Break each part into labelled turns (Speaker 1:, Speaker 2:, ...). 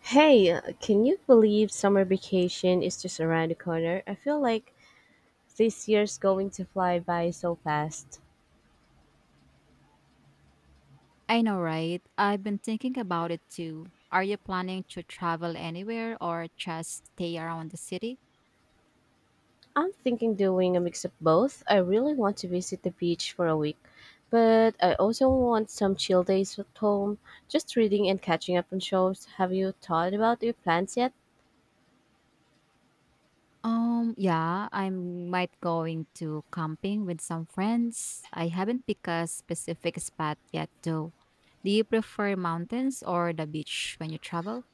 Speaker 1: Hey, can you believe summer vacation is just around the corner? I feel like this year's going to fly by so fast.
Speaker 2: I know, right? I've been thinking about it too. Are you planning to travel anywhere or just stay around the city?
Speaker 1: I'm thinking doing a mix of both. I really want to visit the beach for a week, but I also want some chill days at home, just reading and catching up on shows. Have you thought about your plans yet?
Speaker 2: Yeah, I might going to camping with some friends. I haven't picked a specific spot yet though. Do you prefer mountains or the beach when you travel?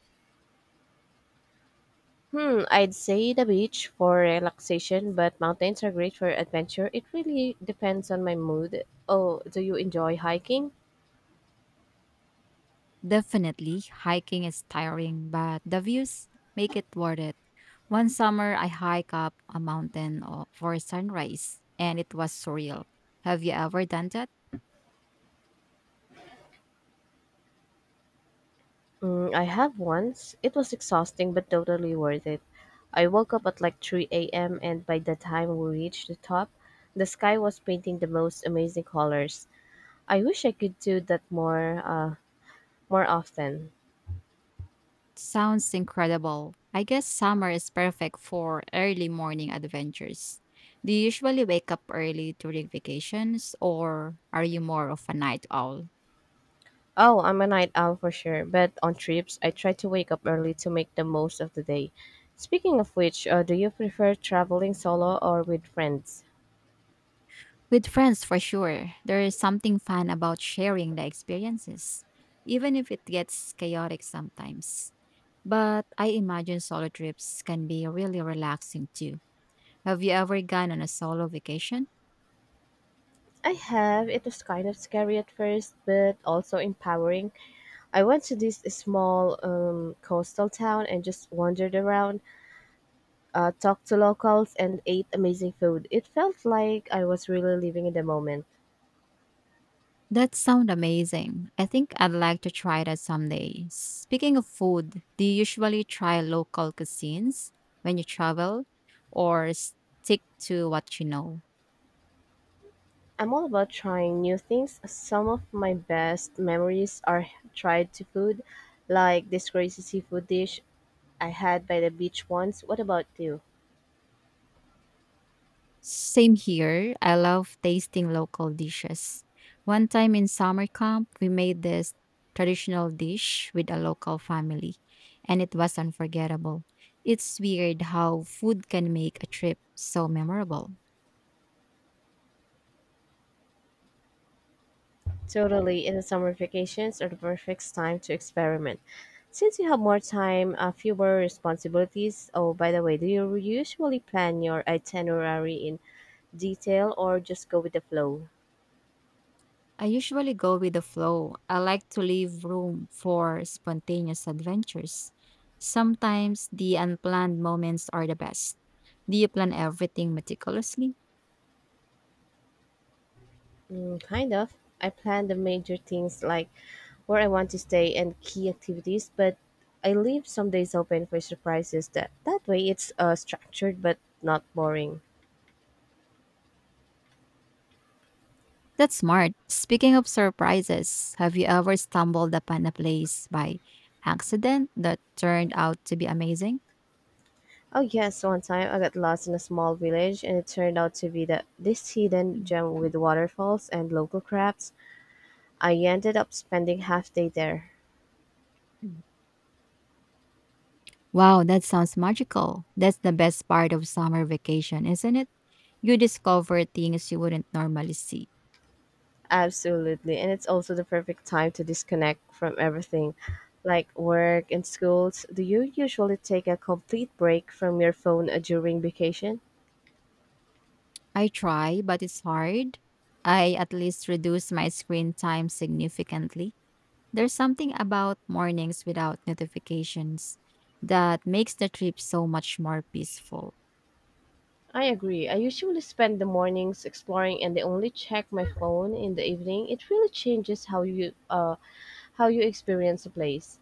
Speaker 1: Hmm, I'd say the beach for relaxation, but mountains are great for adventure. It really depends on my mood. Oh, do you enjoy hiking?
Speaker 2: Definitely, hiking is tiring, but the views make it worth it. One summer I hike up a mountain for sunrise and it was surreal. Have you ever done that?
Speaker 1: Mm, I have once. It was exhausting but totally worth it. I woke up at like 3 a.m., and by the time we reached the top, the sky was painting the most amazing colors. I wish I could do that more often.
Speaker 2: Sounds incredible. I guess summer is perfect for early morning adventures. Do you usually wake up early during vacations, or are you more of a night owl?
Speaker 1: Oh, I'm a night owl for sure, but on trips I try to wake up early to make the most of the day. Speaking of which, do you prefer traveling solo or with friends?
Speaker 2: With friends, for sure, there is something fun about sharing the experiences, even if it gets chaotic sometimes. But I imagine solo trips can be really relaxing too. Have you ever gone on a solo vacation?
Speaker 1: I have. It was kind of scary at first, but also empowering. I went to this small coastal town and just wandered around, talked to locals, and ate amazing food. It felt like I was really living in the moment.
Speaker 2: That sounds amazing. I think I'd like to try that someday. Speaking of food, do you usually try local cuisines when you travel or stick to what you know?
Speaker 1: I'm all about trying new things. Some of my best memories are tried to food, like this crazy seafood dish I had by the beach once. What about you?
Speaker 2: Same here. I love tasting local dishes. One time in summer camp, we made this traditional dish with a local family, and it was unforgettable. It's weird how food can make a trip so memorable.
Speaker 1: Totally, and the summer vacations are the perfect time to experiment. Since you have more time, fewer responsibilities. Oh, by the way, do you usually plan your itinerary in detail or just go with the flow?
Speaker 2: I usually go with the flow. I like to leave room for spontaneous adventures. Sometimes the unplanned moments are the best. Do you plan everything meticulously?
Speaker 1: Mm, kind of. I plan the major things like where I want to stay and key activities, but I leave some days open for surprises. That way, it's structured but not boring.
Speaker 2: That's smart. Speaking of surprises, have you ever stumbled upon a place by accident that turned out to be amazing?
Speaker 1: Oh yes, one time I got lost in a small village and it turned out to be the this hidden gem with waterfalls and local crafts. I ended up spending half day there.
Speaker 2: Mm. Wow, that sounds magical. That's the best part of summer vacation, isn't it? You discover things you wouldn't normally see.
Speaker 1: Absolutely. And it's also the perfect time to disconnect from everything like work and schools. Do you usually take a complete break from your phone during vacation?
Speaker 2: I try, but it's hard. I at least reduce my screen time significantly. There's something about mornings without notifications that makes the trip so much more peaceful.
Speaker 1: I agree. I usually spend the mornings exploring and I only check my phone in the evening. It really changes how you experience a place.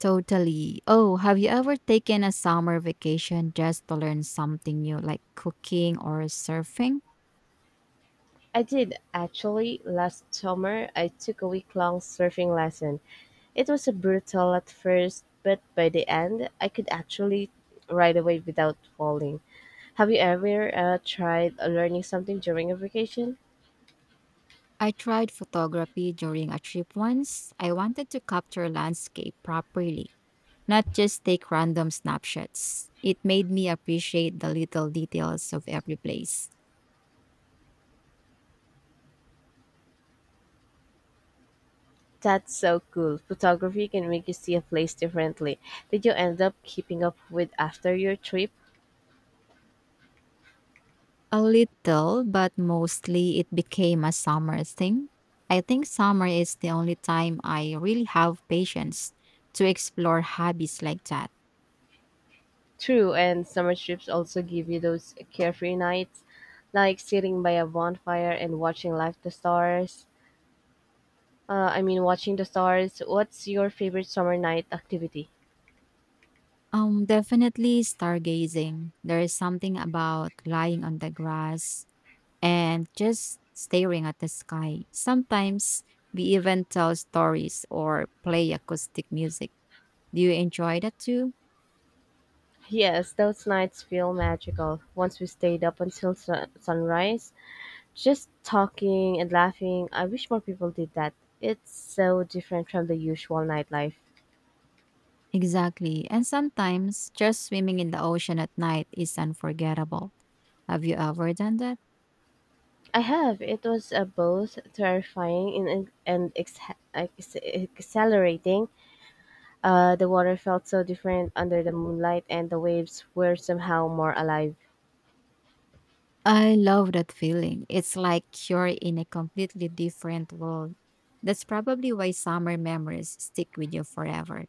Speaker 2: Totally. Oh, have you ever taken a summer vacation just to learn something new, like cooking or surfing?
Speaker 1: I did, actually. Last summer, I took a week long surfing lesson. It was brutal at first, but by the end, I could actually ride a wave without falling. Have you ever tried learning something during a vacation?
Speaker 2: I tried photography during a trip once. I wanted to capture landscape properly not just take random snapshots. It made me appreciate the little details of every place.
Speaker 1: That's so cool. Photography can make you see a place differently. Did you end up keeping up with after your trip?
Speaker 2: A little, but mostly it became a summer thing. I think summer is the only time I really have patience to explore hobbies like that.
Speaker 1: True, and summer trips also give you those carefree nights, like sitting by a bonfire and watching light the stars. Watching the stars. What's your favorite summer night activity?
Speaker 2: Definitely stargazing. There is something about lying on the grass and just staring at the sky. Sometimes we even tell stories or play acoustic music. Do you enjoy that too?
Speaker 1: Yes, those nights feel magical. Once we stayed up until sunrise, just talking and laughing. I wish more people did that. It's so different from the usual nightlife.
Speaker 2: Exactly. And sometimes just swimming in the ocean at night is unforgettable. Have you ever done that?
Speaker 1: I have. It was both terrifying and, exhilarating. The water felt so different under the moonlight, and the waves were somehow more alive.
Speaker 2: I love that feeling. It's like you're in a completely different world. That's probably why summer memories stick with you forever.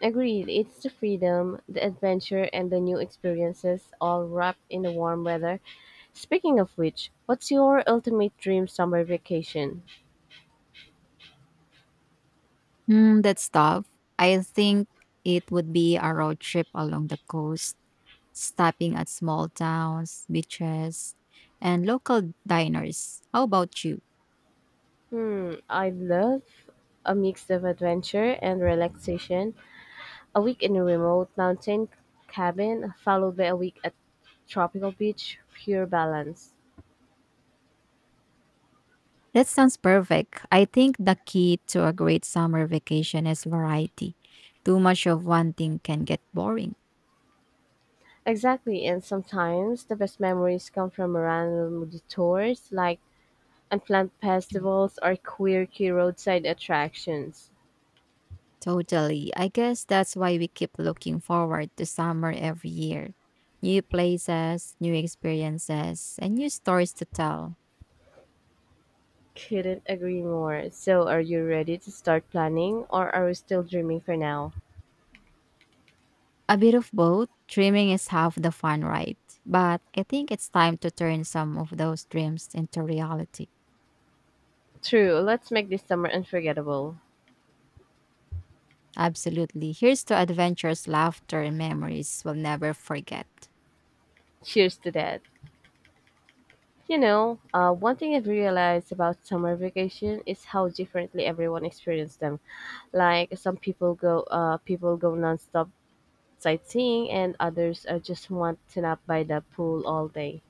Speaker 1: Agreed, it's the freedom, the adventure, and the new experiences all wrapped in the warm weather. Speaking of which, what's your ultimate dream summer vacation?
Speaker 2: Hmm, that's tough. I think it would be a road trip along the coast, stopping at small towns, beaches, and local diners. How about you?
Speaker 1: Hmm, I'd love a mix of adventure and relaxation, a week in a remote mountain cabin, followed by a week at tropical beach, pure balance.
Speaker 2: That sounds perfect. I think the key to a great summer vacation is variety. Too much of one thing can get boring.
Speaker 1: Exactly, and sometimes the best memories come from random detours like And plant festivals are quirky roadside attractions.
Speaker 2: Totally. I guess that's why we keep looking forward to summer every year. New places, new experiences, and new stories to tell.
Speaker 1: Couldn't agree more. So, are you ready to start planning or are we still dreaming for now?
Speaker 2: A bit of both. Dreaming is half the fun, right? But I think it's time to turn some of those dreams into reality.
Speaker 1: True, let's make this summer unforgettable.
Speaker 2: Absolutely. Here's to adventures, laughter, and memories we'll never forget.
Speaker 1: Cheers to that. You know, one thing I've realized about summer vacation is how differently everyone experiences them. Like some people go nonstop sightseeing, and others are just want to nap by the pool all day.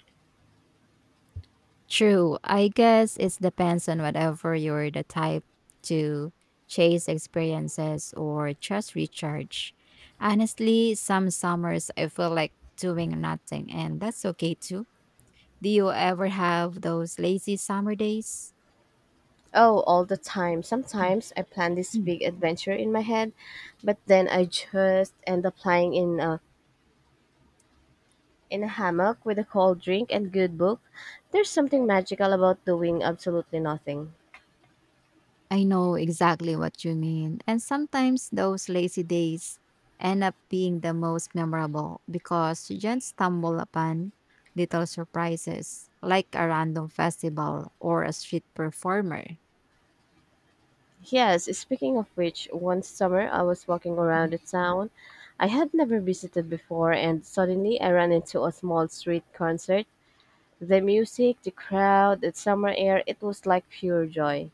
Speaker 2: True. I guess it depends on whatever you're the type to chase experiences or just recharge. Honestly, some summers I feel like doing nothing, and that's okay too. Do you ever have those lazy summer days?
Speaker 1: Oh, all the time. Sometimes I plan this big adventure in my head, but then I just end up lying in a hammock with a cold drink and good book. There's something magical about doing absolutely nothing.
Speaker 2: I know exactly what you mean. And sometimes those lazy days end up being the most memorable because you just stumble upon little surprises like a random festival or a street performer.
Speaker 1: Yes, speaking of which, one summer I was walking
Speaker 2: Mhm.
Speaker 1: around a town I had never visited before and suddenly I ran into a small street concert. The music, the crowd, the summer air, it was like pure joy.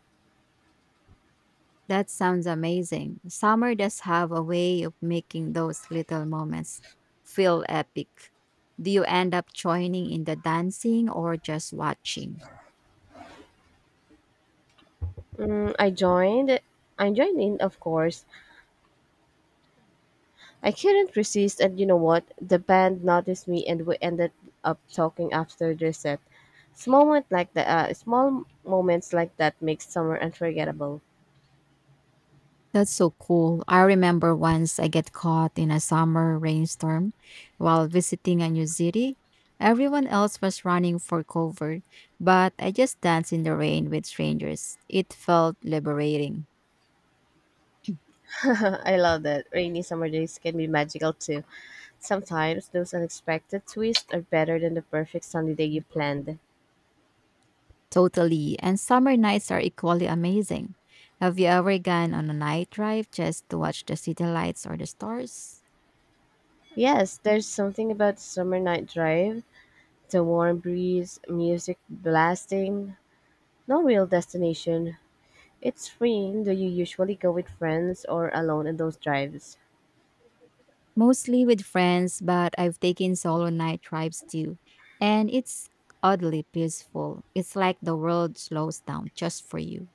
Speaker 2: That sounds amazing. Summer does have a way of making those little moments feel epic. Do you end up joining in the dancing or just watching?
Speaker 1: Mm, I joined. I joined in, of course, I couldn't resist, and you know what? The band noticed me, and we ended up talking after their set. Small moments like that make summer unforgettable.
Speaker 2: That's so cool. I remember once I get caught in a summer rainstorm while visiting a new city. Everyone else was running for cover, but I just danced in the rain with strangers. It felt liberating.
Speaker 1: I love that. Rainy summer days can be magical too. Sometimes those unexpected twists are better than the perfect sunny day you planned.
Speaker 2: Totally. And summer nights are equally amazing. Have you ever gone on a night drive just to watch the city lights or the stars?
Speaker 1: Yes, there's something about the summer night drive, the warm breeze, music blasting, no real destination, it's free. Do you usually go with friends or alone in those drives?
Speaker 2: Mostly with friends, but I've taken solo night drives too. And it's oddly peaceful. It's like the world slows down just for you.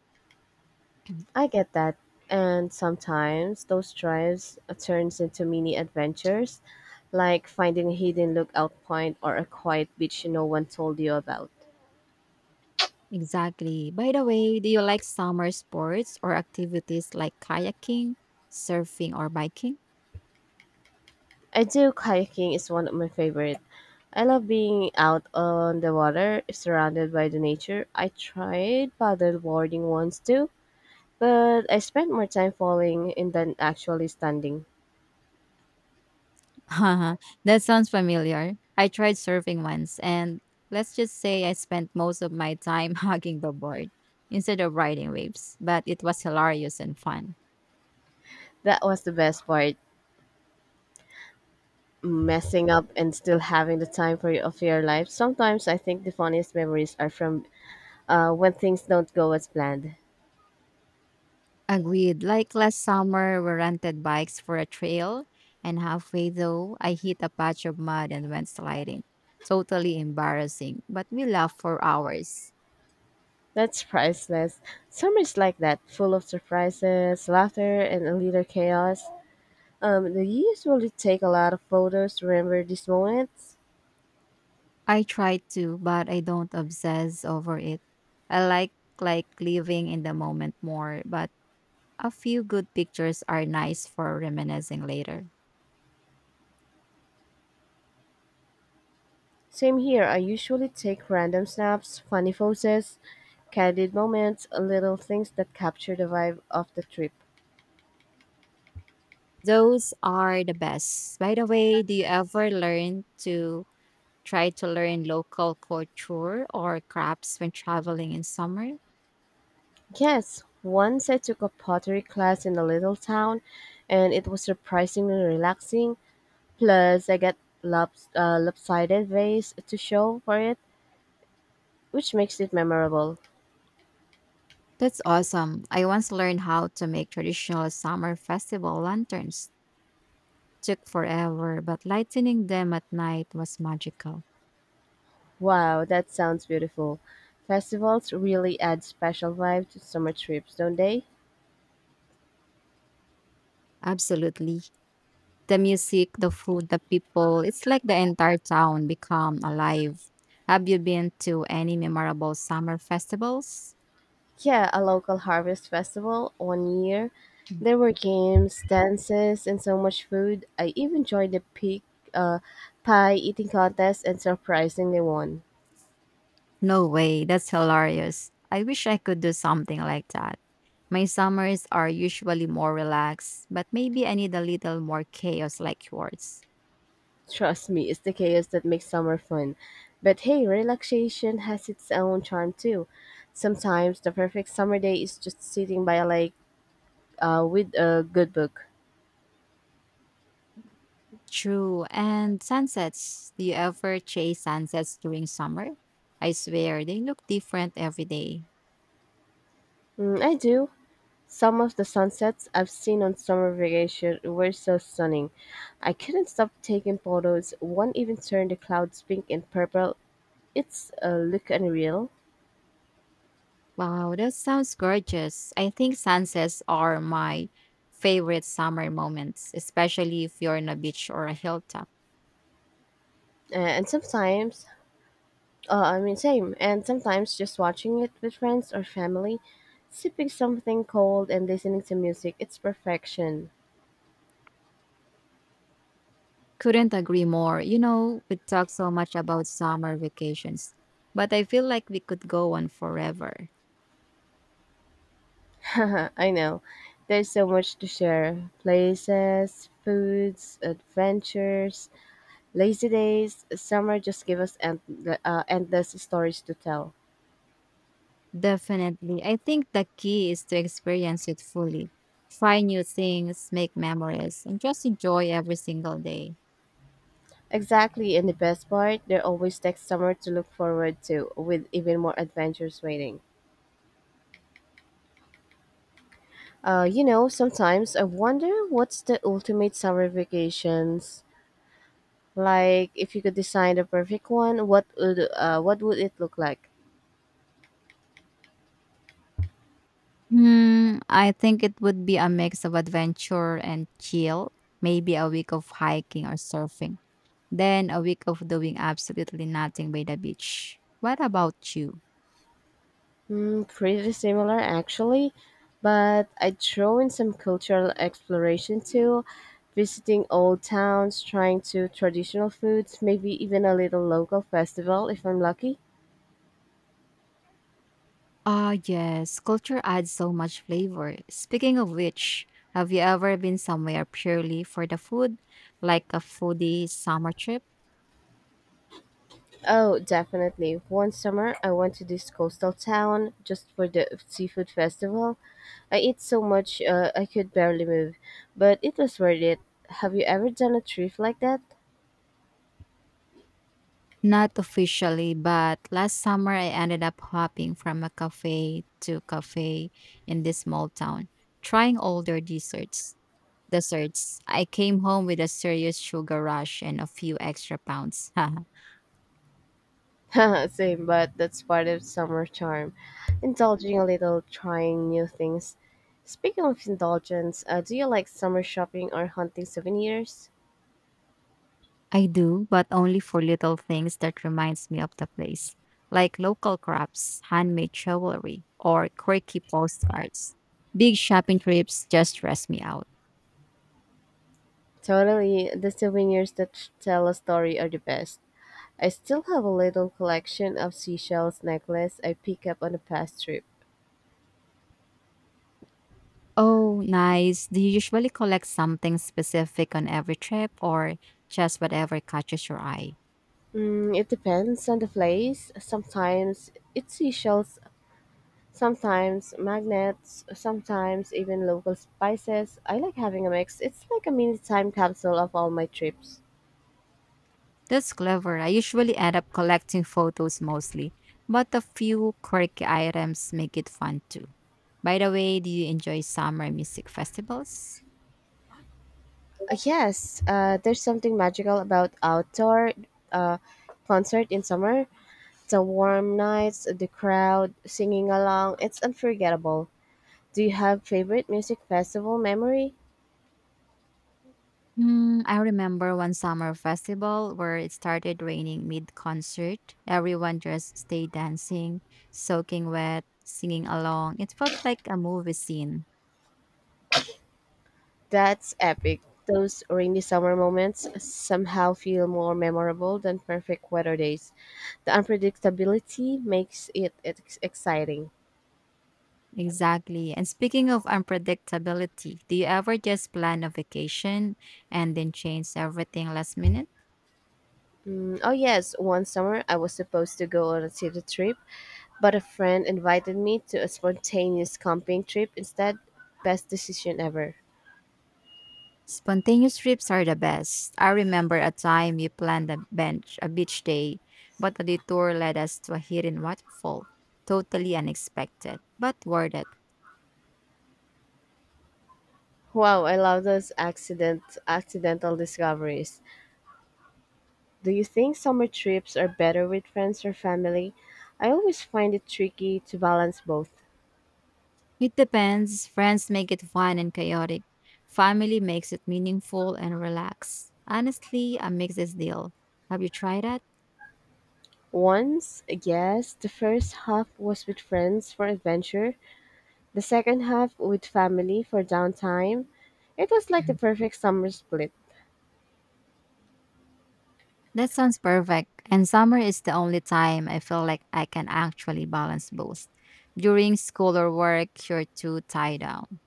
Speaker 1: I get that. And sometimes those drives turns into mini adventures, like finding a hidden lookout point or a quiet beach no one told you about.
Speaker 2: Exactly. By the way, do you like summer sports or activities like kayaking, surfing, or biking?
Speaker 1: I do kayaking is one of my favorite. I love being out on the water, surrounded by the nature. I tried paddleboarding once too, but I spent more time falling in than actually standing.
Speaker 2: Haha, that sounds familiar. I tried surfing once, and let's just say I spent most of my time hugging the board instead of riding waves, but it was hilarious and fun.
Speaker 1: That was the best part. Messing up and still having the time for of your life. Sometimes I think the funniest memories are from when things don't go as planned.
Speaker 2: Agreed. Like last summer, we rented bikes for a trail, and halfway though, I hit a patch of mud and went sliding. Totally embarrassing, but we laughed for hours.
Speaker 1: That's priceless. Summer is like that, full of surprises, laughter, and a little chaos. Do usually take a lot of photos to remember these moments?
Speaker 2: I try to, but I don't obsess over it. I like living in the moment more, but a few good pictures are nice for reminiscing later.
Speaker 1: Same here. I usually take random snaps, funny poses, candid moments, little things that capture the vibe of the trip.
Speaker 2: Those are the best. By the way, do you ever learn to Try to learn local culture or crafts when traveling in summer.
Speaker 1: Yes, once I took a pottery class in a little town, and it was surprisingly relaxing. Plus, I got lopsided vase to show for it, which makes it memorable.
Speaker 2: That's awesome. I once learned how to make traditional summer festival lanterns. Took forever, but lighting them at night was magical.
Speaker 1: Wow, that sounds beautiful. Festivals really add special vibe to summer trips, don't they?
Speaker 2: Absolutely. The music, the food, the people, it's like the entire town become alive. Have you been to any memorable summer festivals?
Speaker 1: Yeah, a local harvest festival one year. There were games, dances, and so much food. I even joined uh, pie eating contest and surprisingly won.
Speaker 2: No way, that's hilarious. I wish I could do something like that. My summers are usually more relaxed, but maybe I need a little more chaos like yours.
Speaker 1: Trust me, it's the chaos that makes summer fun. But hey, relaxation has its own charm too. Sometimes the perfect summer day is just sitting by a lake with a good book.
Speaker 2: True. And sunsets. Do you ever chase sunsets during summer? I swear they look different every day.
Speaker 1: Mm, I do. Some of the sunsets I've seen on summer vacation were so stunning. I couldn't stop taking photos. One even turned the clouds pink and purple. It's a look unreal.
Speaker 2: Wow, that sounds gorgeous. I think sunsets are my favorite summer moments, especially if you're on a beach or a hilltop.
Speaker 1: And sometimes I mean, same. And sometimes just watching it with friends or family, sipping something cold and listening to music, it's perfection.
Speaker 2: Couldn't agree more. You know, we talk so much about summer vacations, but I feel like we could go on forever.
Speaker 1: I know. There's so much to share places, foods, adventures, lazy days. Summer just give us endless stories to tell.
Speaker 2: Definitely. I think the key is to experience it fully. Try new things, make memories, and just enjoy every single day.
Speaker 1: Exactly, and the best part, there always next summer to look forward to, with even more adventures waiting. You know, sometimes I wonder what's the ultimate summer vacations. Like, if you could design the perfect one, what would it look like?
Speaker 2: Hmm, I think it would be a mix of adventure and chill, maybe a week of hiking or surfing, then a week of doing absolutely nothing by the beach. What about you?
Speaker 1: Hmm, pretty similar actually, but I'd throw in some cultural exploration too, visiting old towns, trying to traditional foods, maybe even a little local festival if I'm lucky.
Speaker 2: Ah, yes, culture adds so much flavor. Speaking of which, have you ever been somewhere purely for the food, like a foodie summer trip?
Speaker 1: Oh, definitely. One summer, I went to this coastal town just for the seafood festival. I ate so much I could barely move, but it was worth it. Have you ever done a trip like that?
Speaker 2: Not officially, but last summer I ended up hopping from a cafe to cafe in this small town, trying older desserts. Desserts. I came home with a serious sugar rush and a few extra pounds.
Speaker 1: Same, but that's part of summer charm. Indulging a little, trying new things. Speaking of indulgence, do you like summer shopping or hunting souvenirs?
Speaker 2: I do, but only for little things that reminds me of the place, like local crafts, handmade jewelry, or quirky postcards. Big shopping trips just stress me out.
Speaker 1: Totally, the souvenirs that tell a story are the best. I still have a little collection of seashells necklace I pick up on a past trip.
Speaker 2: Oh, nice. Do you usually collect something specific on every trip or just whatever catches your eye?
Speaker 1: Mm, it depends on the place. Sometimes it's seashells. Sometimes magnets, sometimes even local spices. I like having a mix. It's like a mini time capsule of all my trips.
Speaker 2: That's clever. I usually end up collecting photos mostly, but a few quirky items make it fun too. By the way, do you enjoy summer music festivals?
Speaker 1: Yes, there's something magical about outdoor uh, concert in summer. The warm nights, the crowd singing along, it's unforgettable. Do you have favorite music festival memory?
Speaker 2: Hmm, I remember one summer festival where it started raining mid concert. Everyone just stayed dancing, soaking wet, singing along. It felt like a movie scene.
Speaker 1: That's epic. Those rainy summer moments somehow feel more memorable than perfect weather days. The unpredictability makes it exciting.
Speaker 2: Exactly. And speaking of unpredictability, do you ever just plan a vacation and then change everything last minute?
Speaker 1: Oh, yes, one summer I was supposed to go on a city trip, but a friend invited me to a spontaneous camping trip instead. Best decision ever.
Speaker 2: Spontaneous trips are the best. I remember a time you planned a bench, a beach day, but the detour led us to a hidden waterfall. Totally unexpected, but worth it.
Speaker 1: Wow, I love those accidental discoveries. Do you think summer trips are better with friends or family? I always find it tricky to balance both.
Speaker 2: It depends. Friends make it fun and chaotic. Family makes it meaningful and relaxed. Honestly, a mix is deal. Have you tried that?
Speaker 1: Once yes. The first half was with friends for adventure, the second half with family for downtime. It was like the perfect summer split.
Speaker 2: That sounds perfect. And summer is the only time I feel like I can actually balance both. During school or work, you're too tied down.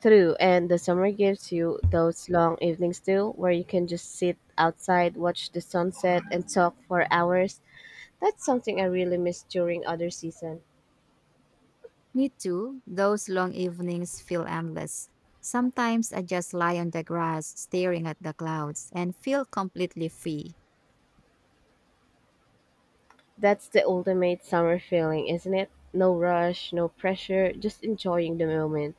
Speaker 1: True, and the summer gives you those long evenings too, where you can just sit outside, watch the sunset, and talk for hours. That's something I really miss during other season.
Speaker 2: Me too. Those long evenings feel endless. Sometimes I just lie on the grass, staring at the clouds, and feel completely free.
Speaker 1: That's the ultimate summer feeling, isn't it? No rush, no pressure, just enjoying the moment.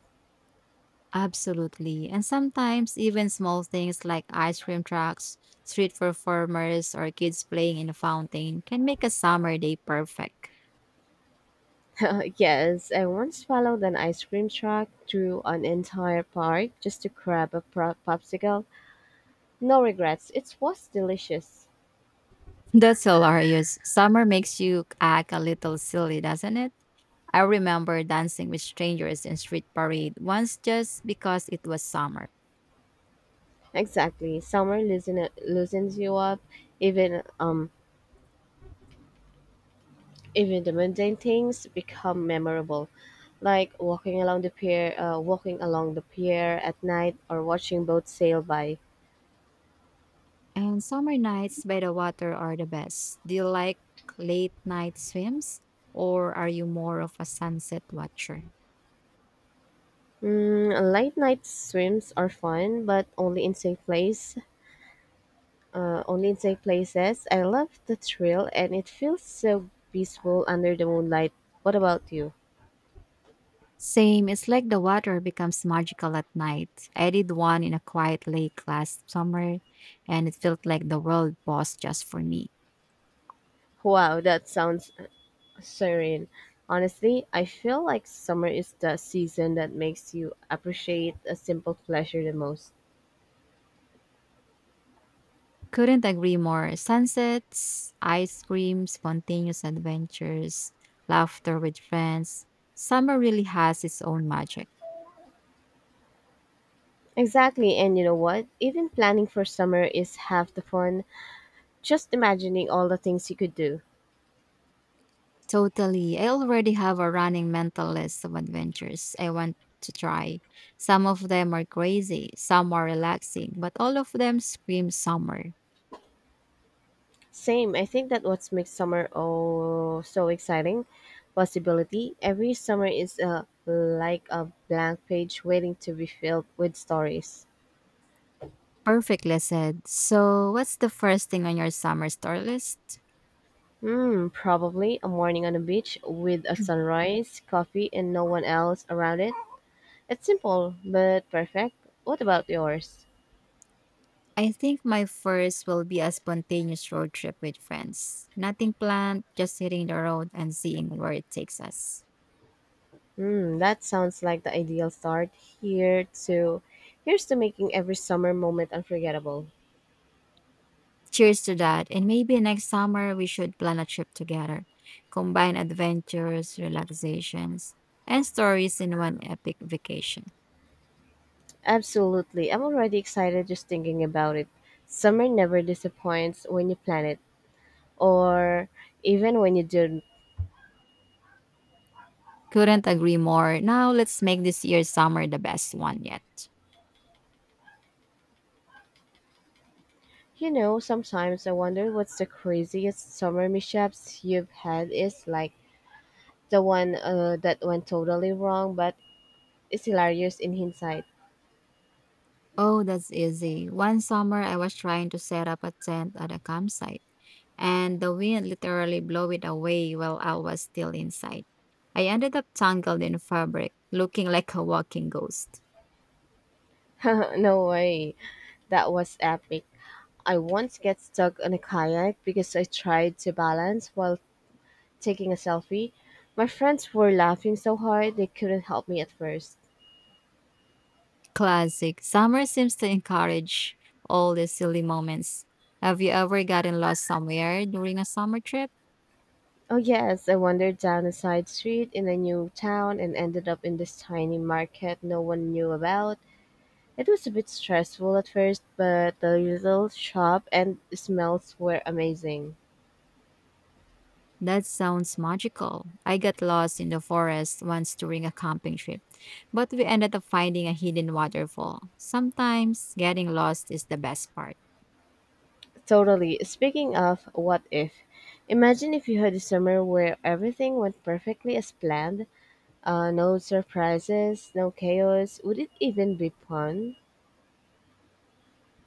Speaker 2: Absolutely. And sometimes even small things like ice cream trucks, street performers, or kids playing in a fountain can make a summer day perfect.
Speaker 1: Yes, I once followed an ice cream truck through an entire park just to grab a popsicle. No regrets. It was delicious.
Speaker 2: That's hilarious. Summer makes you act a little silly, doesn't it? I remember dancing with strangers in street parade once just because it was summer.
Speaker 1: Exactly. Summer loosens you up. Even even the mundane things become memorable, like walking along the walking along the pier at night, or watching boats sail by.
Speaker 2: And summer nights by the water are the best. Do you like late night swims or are you more of a sunset watcher?
Speaker 1: Mm, late night swims are fun, but only in safe place. Only take places. I love the thrill and it feels so peaceful under the moonlight. What about you?
Speaker 2: Same, it's like the water becomes magical at night. I did one in a quiet lake last summer and it felt like the world paused just for me.
Speaker 1: Wow, that sounds serene. Honestly, I feel like summer is the season that makes you appreciate a simple pleasure the most.
Speaker 2: Couldn't agree more. Sunsets, ice cream, spontaneous adventures, laughter with friends. Summer really has its own magic.
Speaker 1: Exactly, and you know what? Even planning for summer is half the fun. Just imagining all the things you could do.
Speaker 2: Totally. I already have a running mental list of adventures I want to try. Some of them are crazy, some are relaxing, but all of them scream summer.
Speaker 1: Same. I think that what makes summer oh so exciting, possibility. Every summer is like a blank page waiting to be filled with stories.
Speaker 2: Perfectly said. So, what's the first thing on your summer store list?
Speaker 1: Hmm, probably a morning on the beach with a sunrise, coffee, and no one else around it. It's simple but perfect. What about yours?
Speaker 2: I think my first will be a spontaneous road trip with friends. Nothing planned, just hitting the road and seeing where it takes us.
Speaker 1: Hmm, that sounds like the ideal start. Here to, Here's to making every summer moment unforgettable.
Speaker 2: Cheers to that. And maybe next summer we should plan a trip together. Combine adventures, relaxations, and stories in one epic vacation.
Speaker 1: Absolutely. I'm already excited just thinking about it. Summer never disappoints when you plan it, or even when you don't.
Speaker 2: Couldn't agree more. Now let's make this year's summer the best one yet.
Speaker 1: You know, sometimes I wonder what's the craziest summer mishaps you've had is like the one that went totally wrong, but it's hilarious in hindsight.
Speaker 2: Oh, that's easy. One summer I was trying to set up a tent at a campsite and the wind literally blew it away while I was still inside. I ended up tangled in fabric, looking like a walking ghost.
Speaker 1: No way. That was epic. I once got stuck on a kayak because I tried to balance while taking a selfie. My friends were laughing so hard they couldn't help me at first.
Speaker 2: Classic. Summer seems to encourage all these silly moments. Have you ever gotten lost somewhere during a summer trip?
Speaker 1: Oh, yes, I wandered down a side street in a new town and ended up in this tiny market no one knew about. It was a bit stressful at first, but the little shop and smells were amazing.
Speaker 2: That sounds magical. I got lost in the forest once during a camping trip, but we ended up finding a hidden waterfall. Sometimes getting lost is the best part.
Speaker 1: Totally. Speaking of what if, imagine if you had a summer where everything went perfectly as planned. No surprises, no chaos. Would it even be fun?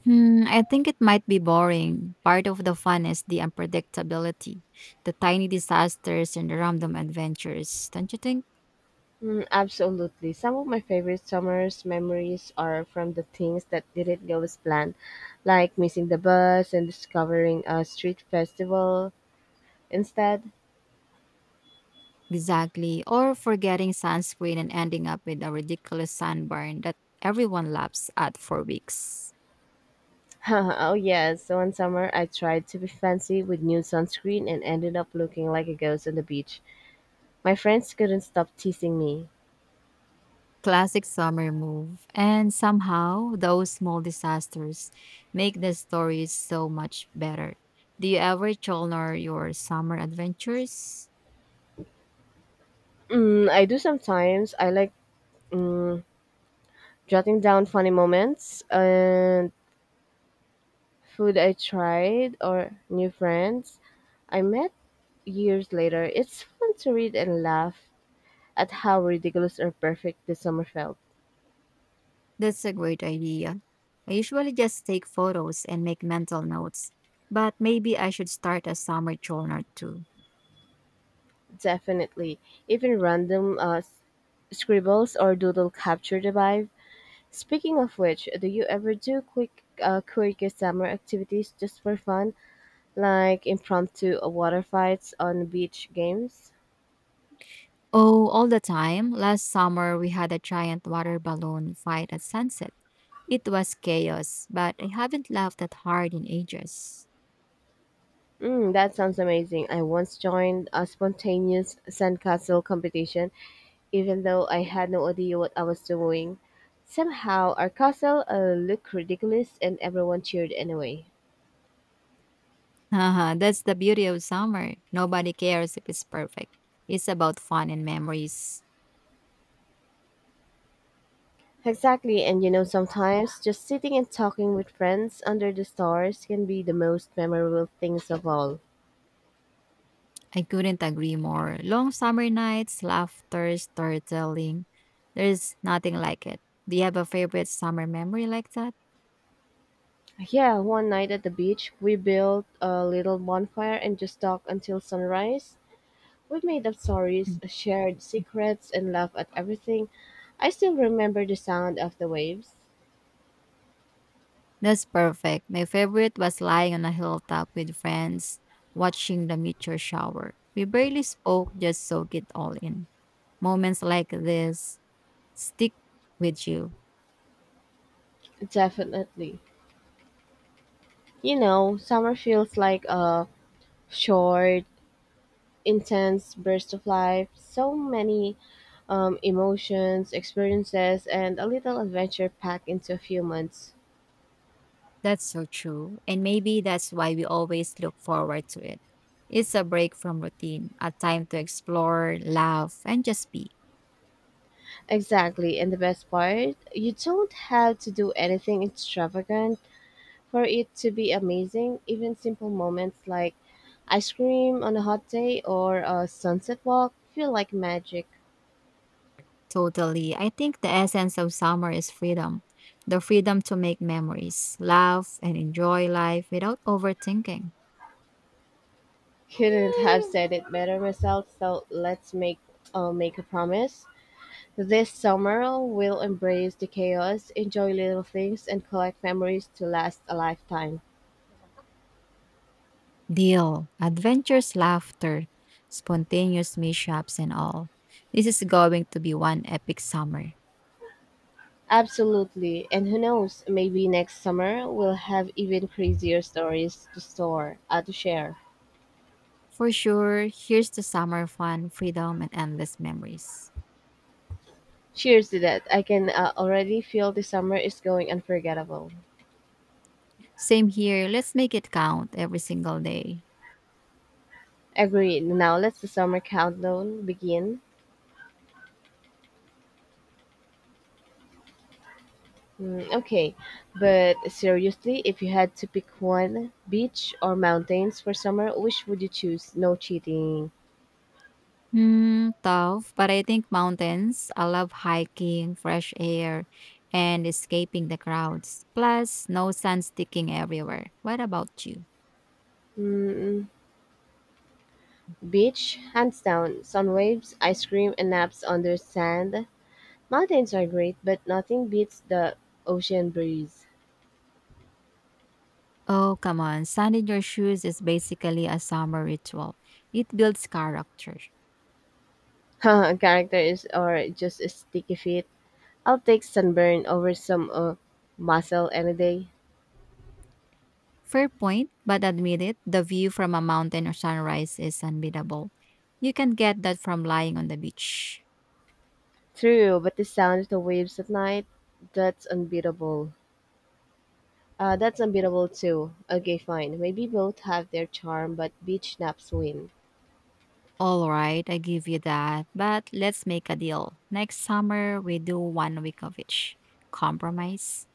Speaker 2: Mm, I think it might be boring. Part of the fun is the unpredictability, the tiny disasters and the random adventures, don't you think?
Speaker 1: Mm, absolutely. Some of my favorite summer's memories are from the things that didn't go as planned, like missing the bus and discovering a street festival instead.
Speaker 2: Exactly. Or forgetting sunscreen and ending up with a ridiculous sunburn that everyone laughs at for weeks.
Speaker 1: Oh, yes. So one summer, I tried to be fancy with new sunscreen and ended up looking like a ghost on the beach. My friends couldn't stop teasing me.
Speaker 2: Classic summer move. And somehow, those small disasters make the stories so much better. Do you ever journal your summer adventures?
Speaker 1: Mm, I do sometimes. I like mm, jotting down funny moments and Food I tried or new friends I met years later. It's fun to read and laugh at how ridiculous or perfect the summer felt.
Speaker 2: That's a great idea. I usually just take photos and make mental notes, but maybe I should start a summer journal too.
Speaker 1: Definitely. Even random scribbles or doodle capture the vibe. Speaking of which, do you ever do quick, quirky summer activities just for fun, like impromptu water fights on beach games?
Speaker 2: Oh, all the time. Last summer, we had a giant water balloon fight at sunset. It was chaos, but I haven't laughed that hard in ages.
Speaker 1: Mm, that sounds amazing. I once joined a spontaneous sandcastle competition, even though I had no idea what I was doing. Somehow, our castle looked ridiculous and everyone cheered anyway.
Speaker 2: Haha, that's the beauty of summer. Nobody cares if it's perfect. It's about fun and memories.
Speaker 1: Exactly, and you know, sometimes just sitting and talking with friends under the stars can be the most memorable things of all.
Speaker 2: I couldn't agree more. Long summer nights, laughter, storytelling. There's nothing like it. Do you have a favorite summer memory like that?
Speaker 1: Yeah, one night at the beach, we built a little bonfire and just talked until sunrise. We made up stories, shared secrets, and laughed at everything. I still remember the sound of the waves.
Speaker 2: That's perfect. My favorite was lying on a hilltop with friends, watching the meteor shower. We barely spoke, just soak it all in. Moments like this stick with you.
Speaker 1: Definitely. You know, summer feels like a short, intense burst of life. So many emotions, experiences, and a little adventure packed into a few months.
Speaker 2: That's so true. And maybe that's why we always look forward to it. It's a break from routine, a time to explore, laugh, and just be.
Speaker 1: Exactly, and the best part, you don't have to do anything extravagant. For it to be amazing, even simple moments like ice cream on a hot day or a sunset walk feel like magic.
Speaker 2: Totally. I think the essence of summer is freedom the freedom to make memories, laugh, and enjoy life without overthinking.
Speaker 1: Couldn't have said it better myself, so let's make a promise. This summer, we'll embrace the chaos, enjoy little things, and collect memories to last a lifetime.
Speaker 2: Deal, adventures, laughter, spontaneous mishaps, and all. This is going to be one epic summer.
Speaker 1: Absolutely. And who knows, maybe next summer we'll have even crazier stories to to share.
Speaker 2: For sure, here's to summer fun, freedom, and endless memories.
Speaker 1: Cheers to that. I can already feel the summer is going unforgettable.
Speaker 2: Same here, let's make it count every single day.
Speaker 1: Agreed. Now let's the summer countdown begin. Mm, okay, but seriously, if you had to pick one beach or mountains for summer, which would you choose? No cheating.
Speaker 2: Hmm, tough, but I think mountains. I love hiking, fresh air, and escaping the crowds. Plus, no sun sticking everywhere. What about you?
Speaker 1: Mm, beach, hands down. Sun waves, ice cream, and naps on the sand. Mountains are great, but nothing beats the ocean breeze.
Speaker 2: Oh, come on. Sun in your shoes is basically a summer ritual. It builds character.
Speaker 1: Characters are just sticky feet. I'll take sunburn over some muscle any day.
Speaker 2: Fair point, but admit it, the view from a mountain or sunrise is unbeatable. You can get that from lying on the beach.
Speaker 1: True, but the sound of the waves at night, that's unbeatable. That's unbeatable too. Okay, fine. Maybe both have their charm, but beach naps win.
Speaker 2: All right, I give you that. But let's make a deal. Next summer, we do one week of each. Compromise.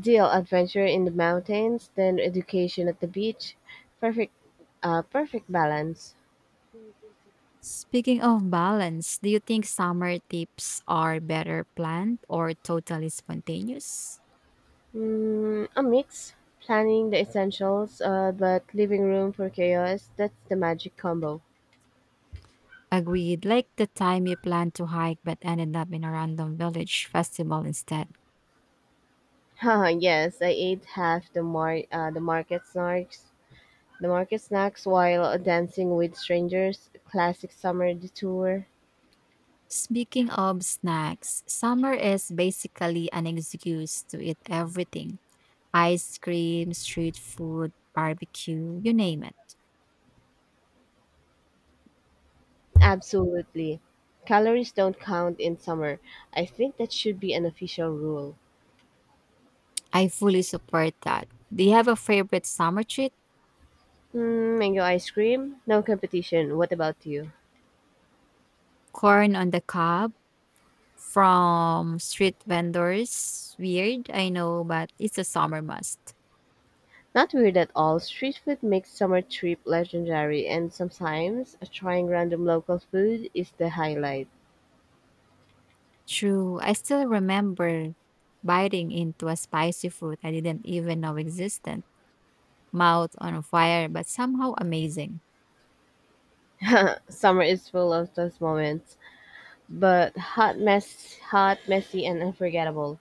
Speaker 1: Deal adventure in the mountains, then education at the beach. Perfect, Perfect balance.
Speaker 2: Speaking of balance, do you think summer tips are better planned or totally spontaneous?
Speaker 1: Mm, a mix, planning the essentials, but leaving room for chaos. That's the magic combo.
Speaker 2: Agreed. Like the time you planned to hike but ended up in a random village festival instead.
Speaker 1: Haha, yes, I ate half the the market snacks while dancing with strangers. Classic summer detour.
Speaker 2: Speaking of snacks, summer is basically an excuse to eat everything ice cream, street food, barbecue, you name it.
Speaker 1: Absolutely, calories don't count in summer. I think that should be an official rule.
Speaker 2: I fully support that. Do you have a favorite summer treat?
Speaker 1: Hmm, mango ice cream, no competition. What about you?
Speaker 2: Corn on the cob from street vendors. Weird, I know, but it's a summer must.
Speaker 1: Not weird at all. Street food makes summer trip legendary, and sometimes trying random local food is the highlight.
Speaker 2: True, I still remember biting into a spicy fruit I didn't even know existed. Mouth on fire, but somehow amazing.
Speaker 1: Summer is full of those moments. But hot, messy and unforgettable.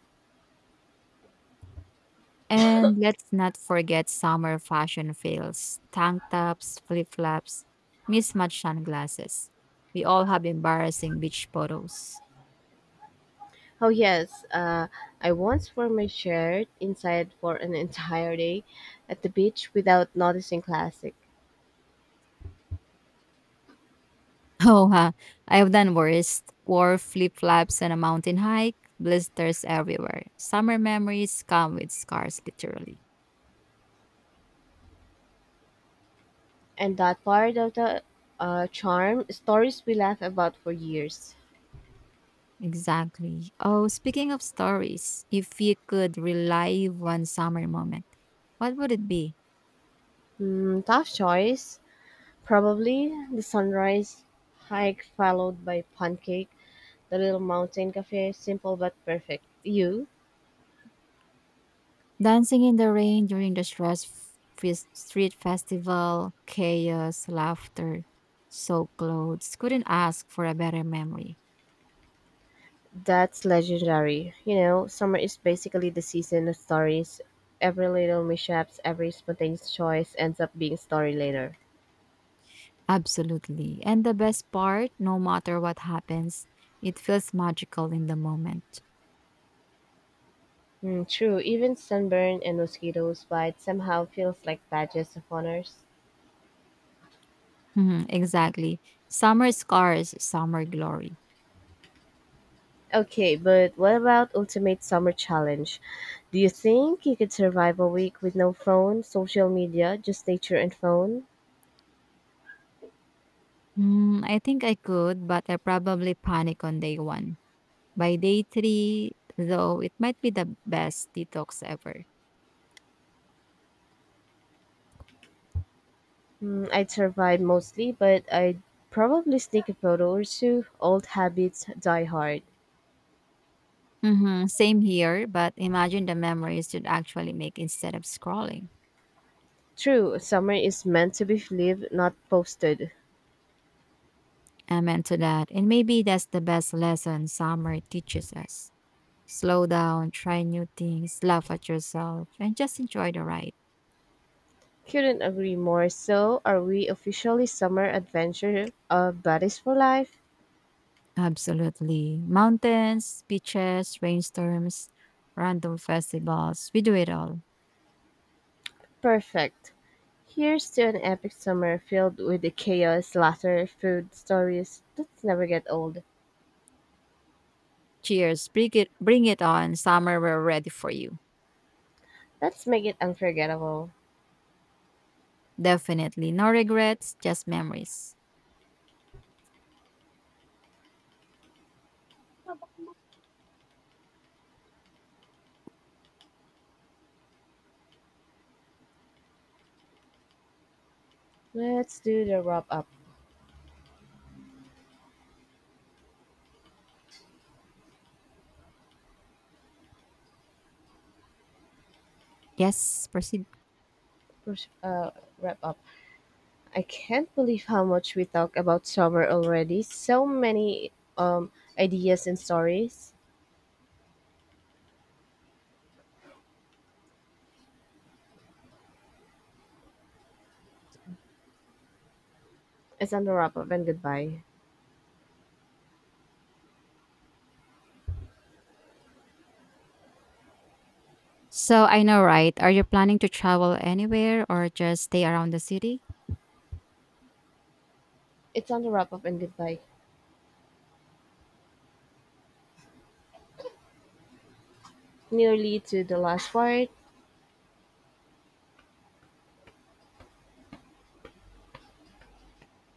Speaker 2: And let's not forget summer fashion fails tank tops, flip flops, mismatched sunglasses. We all have embarrassing beach photos.
Speaker 1: Oh yes, I once wore my shirt inside for an entire day at the beach without noticing classic.
Speaker 2: Oh, I've done worse. Wore flip flops on a mountain hike, blisters everywhere. Summer memories come with scars, literally.
Speaker 1: And that part of the charm stories we laugh about for years.
Speaker 2: Exactly. Oh, speaking of stories, if you could relive one summer moment, what would it be?
Speaker 1: Hmm, tough choice. Probably the sunrise hike followed by pancake, the little mountain cafe, simple but perfect. You?
Speaker 2: Dancing in the rain during the street festival, chaos, laughter, soaked clothes. Couldn't ask for a better memory.
Speaker 1: That's legendary. You know, summer is basically the season of stories. Every little mishaps, every spontaneous choice ends up being a story later.
Speaker 2: Absolutely. And the best part, no matter what happens, it feels magical in the moment.
Speaker 1: Mm, true, even sunburn and mosquitoes bite somehow feels like badges of honors.
Speaker 2: Mhm, exactly. Summer scars, summer glory.
Speaker 1: Okay, but what about ultimate summer challenge? Do you think you could survive a week with no phone, social media, just nature and phone?
Speaker 2: Mm, I think I could, but I probably panic on day one. By day three, though, it might be the best detox ever.
Speaker 1: Mm, I'd survive mostly, but I'd probably sneak a photo or two. Old habits die hard.
Speaker 2: Same here, but imagine the memories you'd actually make instead of scrolling.
Speaker 1: True, summer is meant to be lived, not posted.
Speaker 2: Amen to that. And maybe that's the best lesson summer teaches us. Slow down, try new things, laugh at yourself, and just enjoy the ride.
Speaker 1: Couldn't agree more. So, are we officially summer adventure of buddies for life?
Speaker 2: Absolutely. Mountains, beaches, rainstorms, random festivals. We do it all.
Speaker 1: Perfect. Here's to an epic summer filled with the chaos, laughter, food, stories that never get old.
Speaker 2: Cheers. Bring it on. Summer, we're ready for you.
Speaker 1: Let's make it unforgettable.
Speaker 2: Definitely. No regrets, just memories.
Speaker 1: Let's do the wrap up.
Speaker 2: Yes, proceed.
Speaker 1: Pers- Uh, Wrap up. I can't believe how much we talk about summer already. So many um ideas and stories. It's on the wrap up and goodbye.
Speaker 2: So I know, right? Are you planning to travel anywhere or just stay around the city?
Speaker 1: It's on the wrap-up and goodbye, nearly to the last part.